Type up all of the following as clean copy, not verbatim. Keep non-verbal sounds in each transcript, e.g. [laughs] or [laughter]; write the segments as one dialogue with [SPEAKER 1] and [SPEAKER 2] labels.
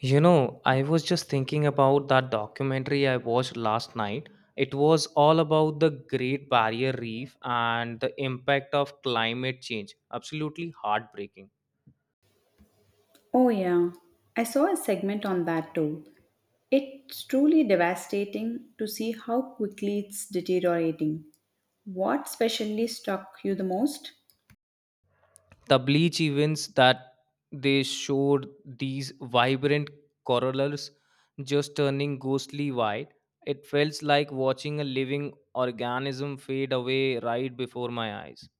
[SPEAKER 1] I was just thinking about that documentary I watched last night. It was all about the Great Barrier Reef and the impact of climate change. Absolutely heartbreaking.
[SPEAKER 2] Oh, yeah. I saw a segment on that too. It's truly devastating to see how quickly it's deteriorating. What specially struck you the most?
[SPEAKER 1] The bleach events that they showed these vibrant corals just turning ghostly white. It felt like watching a living organism fade away right before my eyes.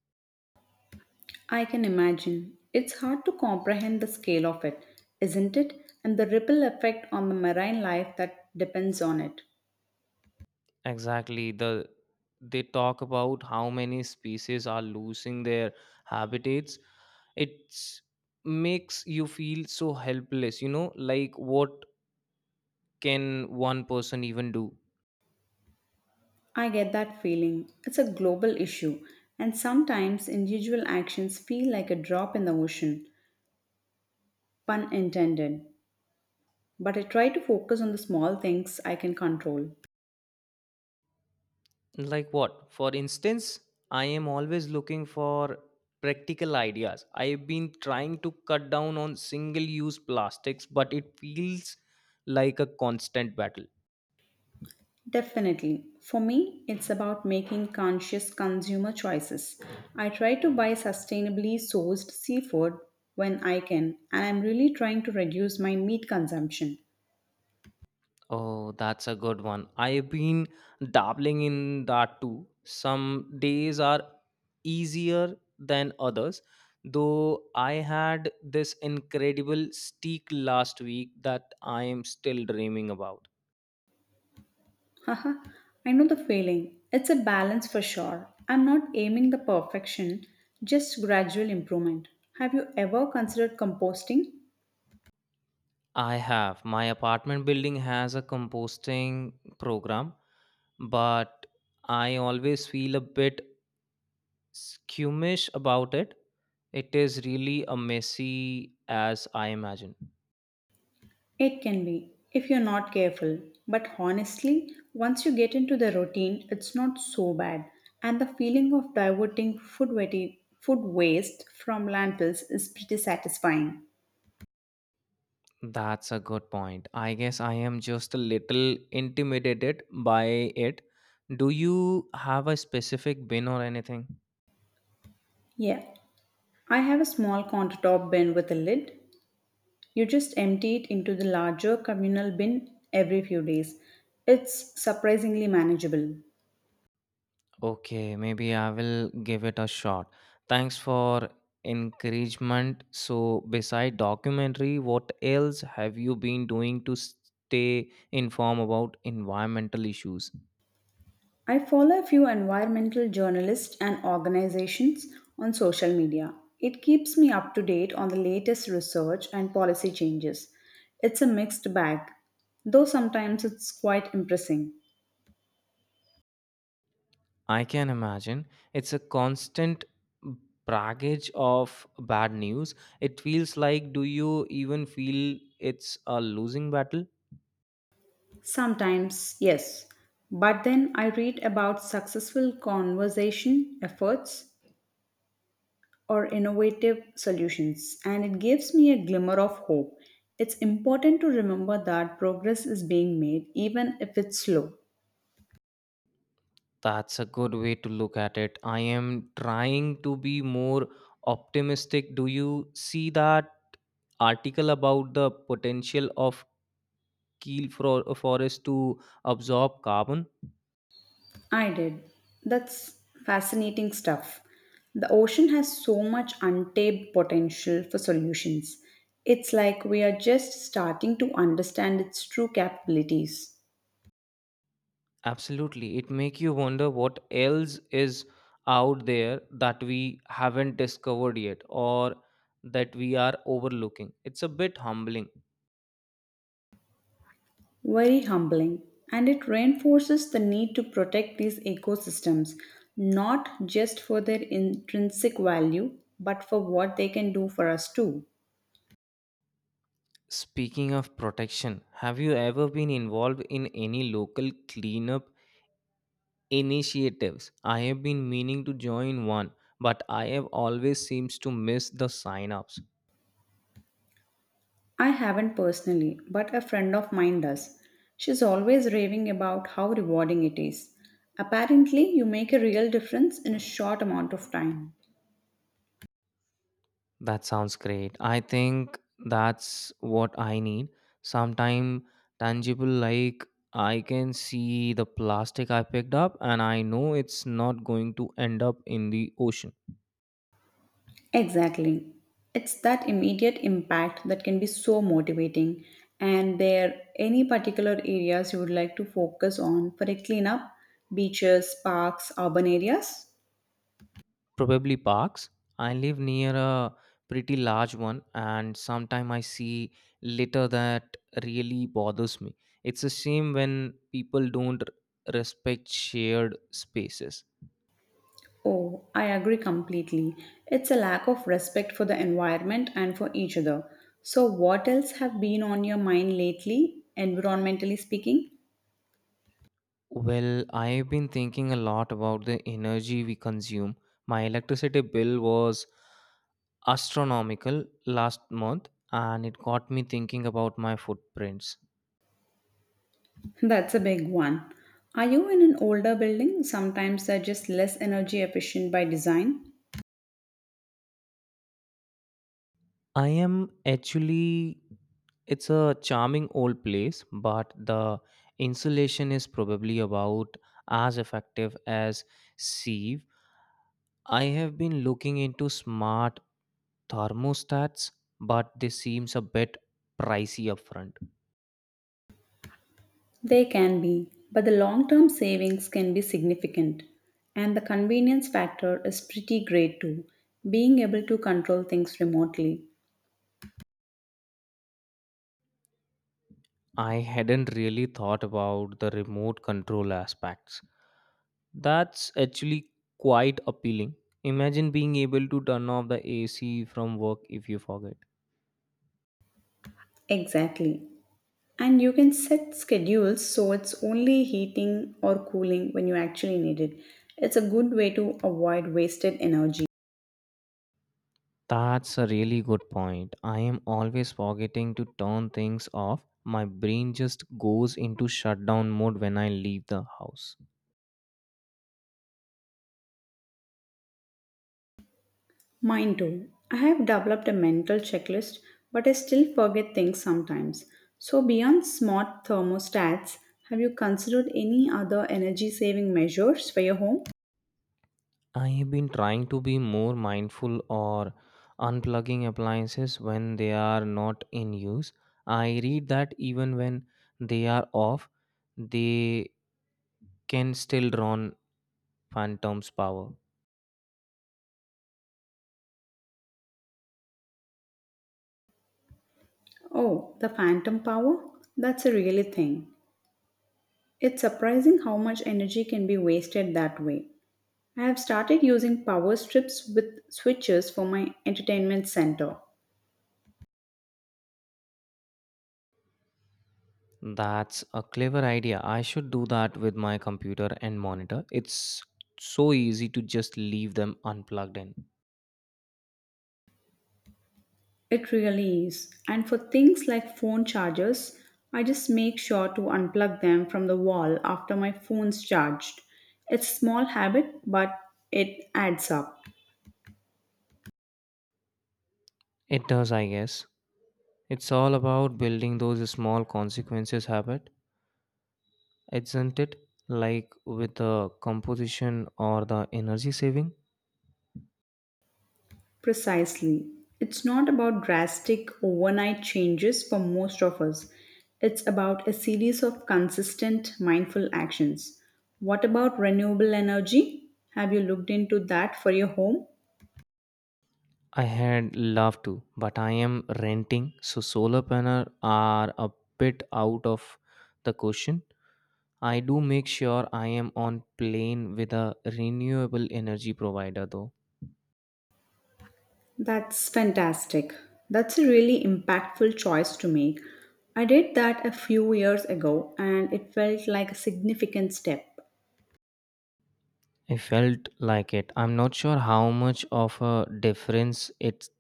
[SPEAKER 2] I can imagine. It's hard to comprehend the scale of it, isn't it? And the ripple effect on the marine life that depends on it.
[SPEAKER 1] Exactly. They talk about how many species are losing their habitats. It's makes you feel so helpless, like what can one person even do?
[SPEAKER 2] I get that feeling. It's a global issue, and sometimes individual actions feel like a drop in the ocean. Pun intended. But I try to focus on the small things I can control.
[SPEAKER 1] Like what? For instance, I am always looking for practical ideas. I've been trying to cut down on single use plastics, but it feels like a constant battle.
[SPEAKER 2] Definitely. For me, it's about making conscious consumer choices. I try to buy sustainably sourced seafood when I can, and I'm really trying to reduce my meat consumption.
[SPEAKER 1] Oh, that's a good one. I've been dabbling in that too. Some days are easier than others, though I had this incredible steak last week that I am still dreaming about.
[SPEAKER 2] Haha, I know the feeling. It's a balance for sure. I'm not aiming the perfection, just gradual improvement. Have you ever considered composting?
[SPEAKER 1] I have. My apartment building has a composting program, but I always feel a bit squeamish about it. It is really a messy as I imagine.
[SPEAKER 2] It can be, if you're not careful. But honestly, once you get into the routine, it's not so bad. And the feeling of diverting food, food waste from landfills is pretty satisfying.
[SPEAKER 1] That's a good point. I guess I am just a little intimidated by it. Do you have a specific bin or anything?
[SPEAKER 2] Yeah, I have a small countertop bin with a lid. You just empty it into the larger communal bin every few days. It's surprisingly manageable.
[SPEAKER 1] Okay, maybe I will give it a shot. Thanks for encouragement. So, beside documentary, what else have you been doing to stay informed about environmental issues?
[SPEAKER 2] I follow a few environmental journalists and organizations on social media. It keeps me up to date on the latest research and policy changes. It's a mixed bag, though sometimes it's quite impressing.
[SPEAKER 1] I can imagine. It's a constant baggage of bad news. It feels like, do you even feel it's a losing battle?
[SPEAKER 2] Sometimes, yes. But then I read about successful conservation efforts or innovative solutions, and it gives me a glimmer of hope. It's important to remember that progress is being made, even if it's slow.
[SPEAKER 1] That's a good way to look at it. I am trying to be more optimistic. Do you see that article about the potential of Kiel for forest to absorb carbon?
[SPEAKER 2] I did. That's fascinating stuff. The ocean has so much untapped potential for solutions. It's like we are just starting to understand its true capabilities.
[SPEAKER 1] Absolutely. It make you wonder what else is out there that we haven't discovered yet or that we are overlooking. It's a bit humbling.
[SPEAKER 2] Very humbling, and it reinforces the need to protect these ecosystems, not just for their intrinsic value, but for what they can do for us too.
[SPEAKER 1] Speaking of protection, have you ever been involved in any local cleanup initiatives? I have been meaning to join one, but I have always seems to miss the sign-ups.
[SPEAKER 2] I haven't personally, but a friend of mine does. She's always raving about how rewarding it is. Apparently, you make a real difference in a short amount of time.
[SPEAKER 1] That sounds great. I think that's what I need. Sometime tangible, like I can see the plastic I picked up, and I know it's not going to end up in the ocean.
[SPEAKER 2] Exactly. It's that immediate impact that can be so motivating. And there any particular areas you would like to focus on for a cleanup? Beaches, parks, urban areas?
[SPEAKER 1] Probably parks. I live near a pretty large one, and sometime I see litter that really bothers me. It's a shame when people don't respect shared spaces.
[SPEAKER 2] Oh, I agree completely. It's a lack of respect for the environment and for each other. So, what else have been on your mind lately, environmentally speaking?
[SPEAKER 1] Well, I've been thinking a lot about the energy we consume. My electricity bill was astronomical last month, and it got me thinking about my footprints.
[SPEAKER 2] [laughs] That's a big one. Are you in an older building? Sometimes they're just less energy efficient by design.
[SPEAKER 1] I am actually, it's a charming old place, but the insulation is probably about as effective as sieve. I have been looking into smart thermostats, but this seems a bit pricey upfront.
[SPEAKER 2] They can be, but the long term savings can be significant. And the convenience factor is pretty great too, being able to control things remotely.
[SPEAKER 1] I hadn't really thought about the remote control aspects. That's actually quite appealing. Imagine being able to turn off the AC from work if you forget.
[SPEAKER 2] Exactly. And you can set schedules so it's only heating or cooling when you actually need it. It's a good way to avoid wasted energy.
[SPEAKER 1] That's a really good point. I am always forgetting to turn things off. My brain just goes into shutdown mode when I leave the house.
[SPEAKER 2] Mine too. I have developed a mental checklist, but I still forget things sometimes. So, beyond smart thermostats, have you considered any other energy saving measures for your home?
[SPEAKER 1] I have been trying to be more mindful or unplugging appliances when they are not in use. I read that even when they are off, they can still run Phantom's power.
[SPEAKER 2] Oh, the phantom power? That's a really thing. It's surprising how much energy can be wasted that way. I have started using power strips with switches for my entertainment center.
[SPEAKER 1] That's a clever idea. I should do that with my computer and monitor. It's so easy to just leave them unplugged in.
[SPEAKER 2] It really is. And for things like phone chargers, I just make sure to unplug them from the wall after my phone's charged. It's a small habit, but it adds up.
[SPEAKER 1] It does, I guess. It's all about building those small consequences habit. Isn't it? Like with the composition or the energy saving?
[SPEAKER 2] Precisely. It's not about drastic overnight changes for most of us. It's about a series of consistent mindful actions. What about renewable energy? Have you looked into that for your home?
[SPEAKER 1] I had loved to, but I am renting, so solar panel are a bit out of the question. I do make sure I am on plane with a renewable energy provider though.
[SPEAKER 2] That's fantastic. That's a really impactful choice to make. I did that a few years ago and it felt like a significant step.
[SPEAKER 1] I felt like it. I'm not sure how much of a difference it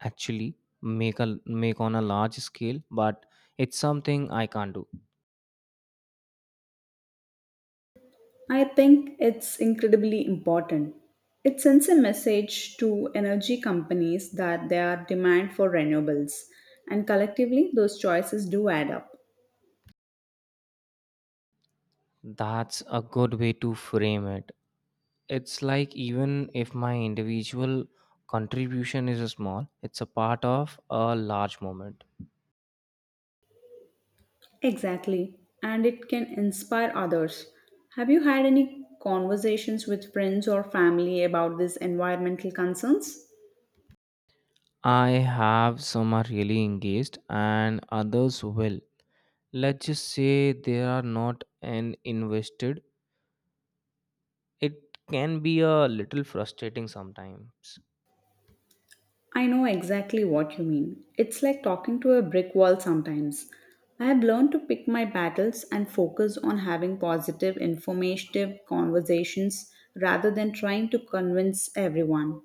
[SPEAKER 1] actually make on a large scale, but it's something I can't do.
[SPEAKER 2] I think it's incredibly important. It sends a message to energy companies that there are demand for renewables, and collectively, those choices do add up.
[SPEAKER 1] That's a good way to frame it. It's like even if my individual contribution is small, it's a part of a large moment.
[SPEAKER 2] Exactly, and it can inspire others. Have you had any conversations with friends or family about these environmental concerns?
[SPEAKER 1] I have some are really engaged and others will. Let's just say they are not an invested. It can be a little frustrating sometimes.
[SPEAKER 2] I know exactly what you mean. It's like talking to a brick wall sometimes. I have learned to pick my battles and focus on having positive, informative conversations rather than trying to convince everyone.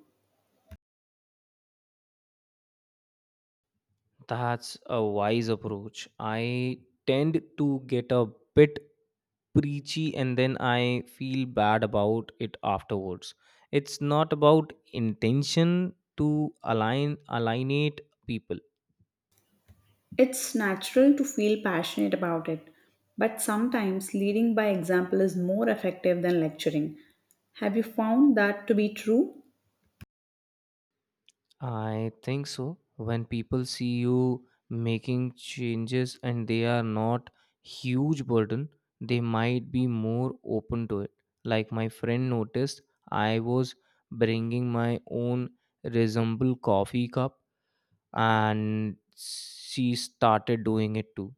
[SPEAKER 1] That's a wise approach. I tend to get a bit preachy and then I feel bad about it afterwards. It's not about intention to align alienate people.
[SPEAKER 2] It's natural to feel passionate about it, but sometimes leading by example is more effective than lecturing. Have you found that to be true?
[SPEAKER 1] I think so. When people see you making changes and they are not huge burden, they might be more open to it. Like my friend noticed, I was bringing my own resemble coffee cup and she started doing it too.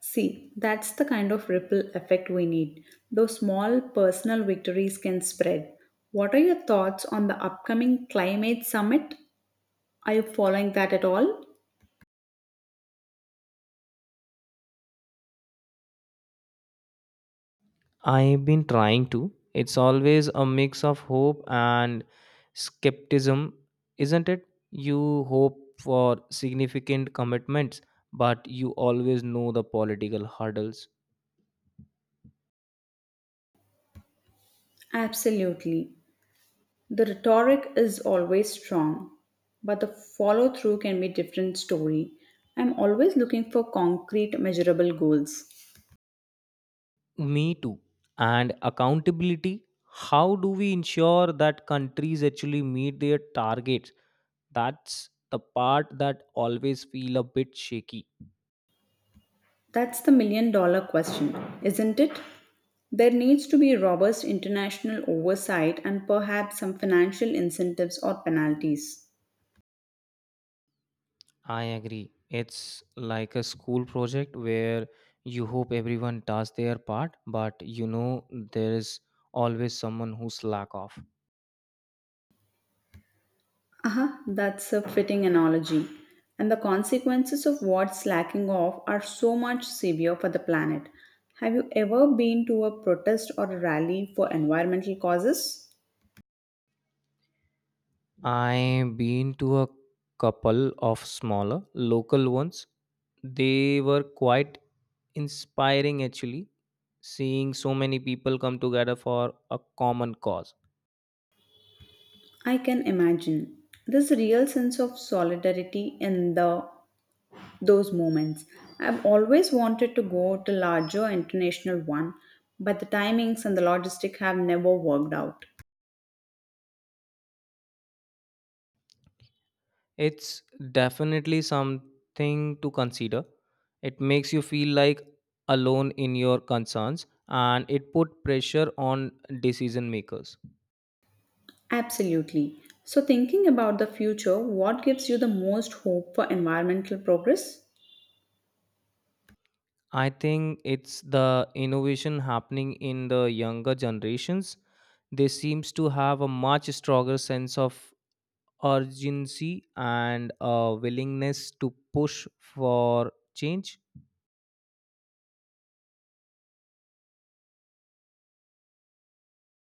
[SPEAKER 2] See, that's the kind of ripple effect we need. Those small personal victories can spread. What are your thoughts on the upcoming climate summit? Are you following that at all?
[SPEAKER 1] I've been trying to. It's always a mix of hope and skepticism, isn't it? You hope for significant commitments, but you always know the political hurdles.
[SPEAKER 2] Absolutely. The rhetoric is always strong, but the follow through can be different story. I'm always looking for concrete measurable goals.
[SPEAKER 1] Me too. And accountability. How do we ensure that countries actually meet their targets? That's the part that always feel a bit shaky.
[SPEAKER 2] That's the million-dollar question, isn't it? There needs to be robust international oversight and perhaps some financial incentives or penalties.
[SPEAKER 1] I agree. It's like a school project where you hope everyone does their part, but you know there's always someone who slack off.
[SPEAKER 2] Aha, that's a fitting analogy. And the consequences of what's slacking off are so much severe for the planet. Have you ever been to a protest or a rally for environmental causes?
[SPEAKER 1] I've been to a couple of smaller local ones. They were quite inspiring actually, seeing so many people come together for a common cause.
[SPEAKER 2] I can imagine. This real sense of solidarity in the those moments. I've always wanted to go to larger international one, but the timings and the logistic have never worked out.
[SPEAKER 1] It's definitely something to consider. It makes you feel like alone in your concerns and it put pressure on decision makers.
[SPEAKER 2] Absolutely. So thinking about the future, what gives you the most hope for environmental progress?
[SPEAKER 1] I think it's the innovation happening in the younger generations. They seems to have a much stronger sense of urgency and a willingness to push for change.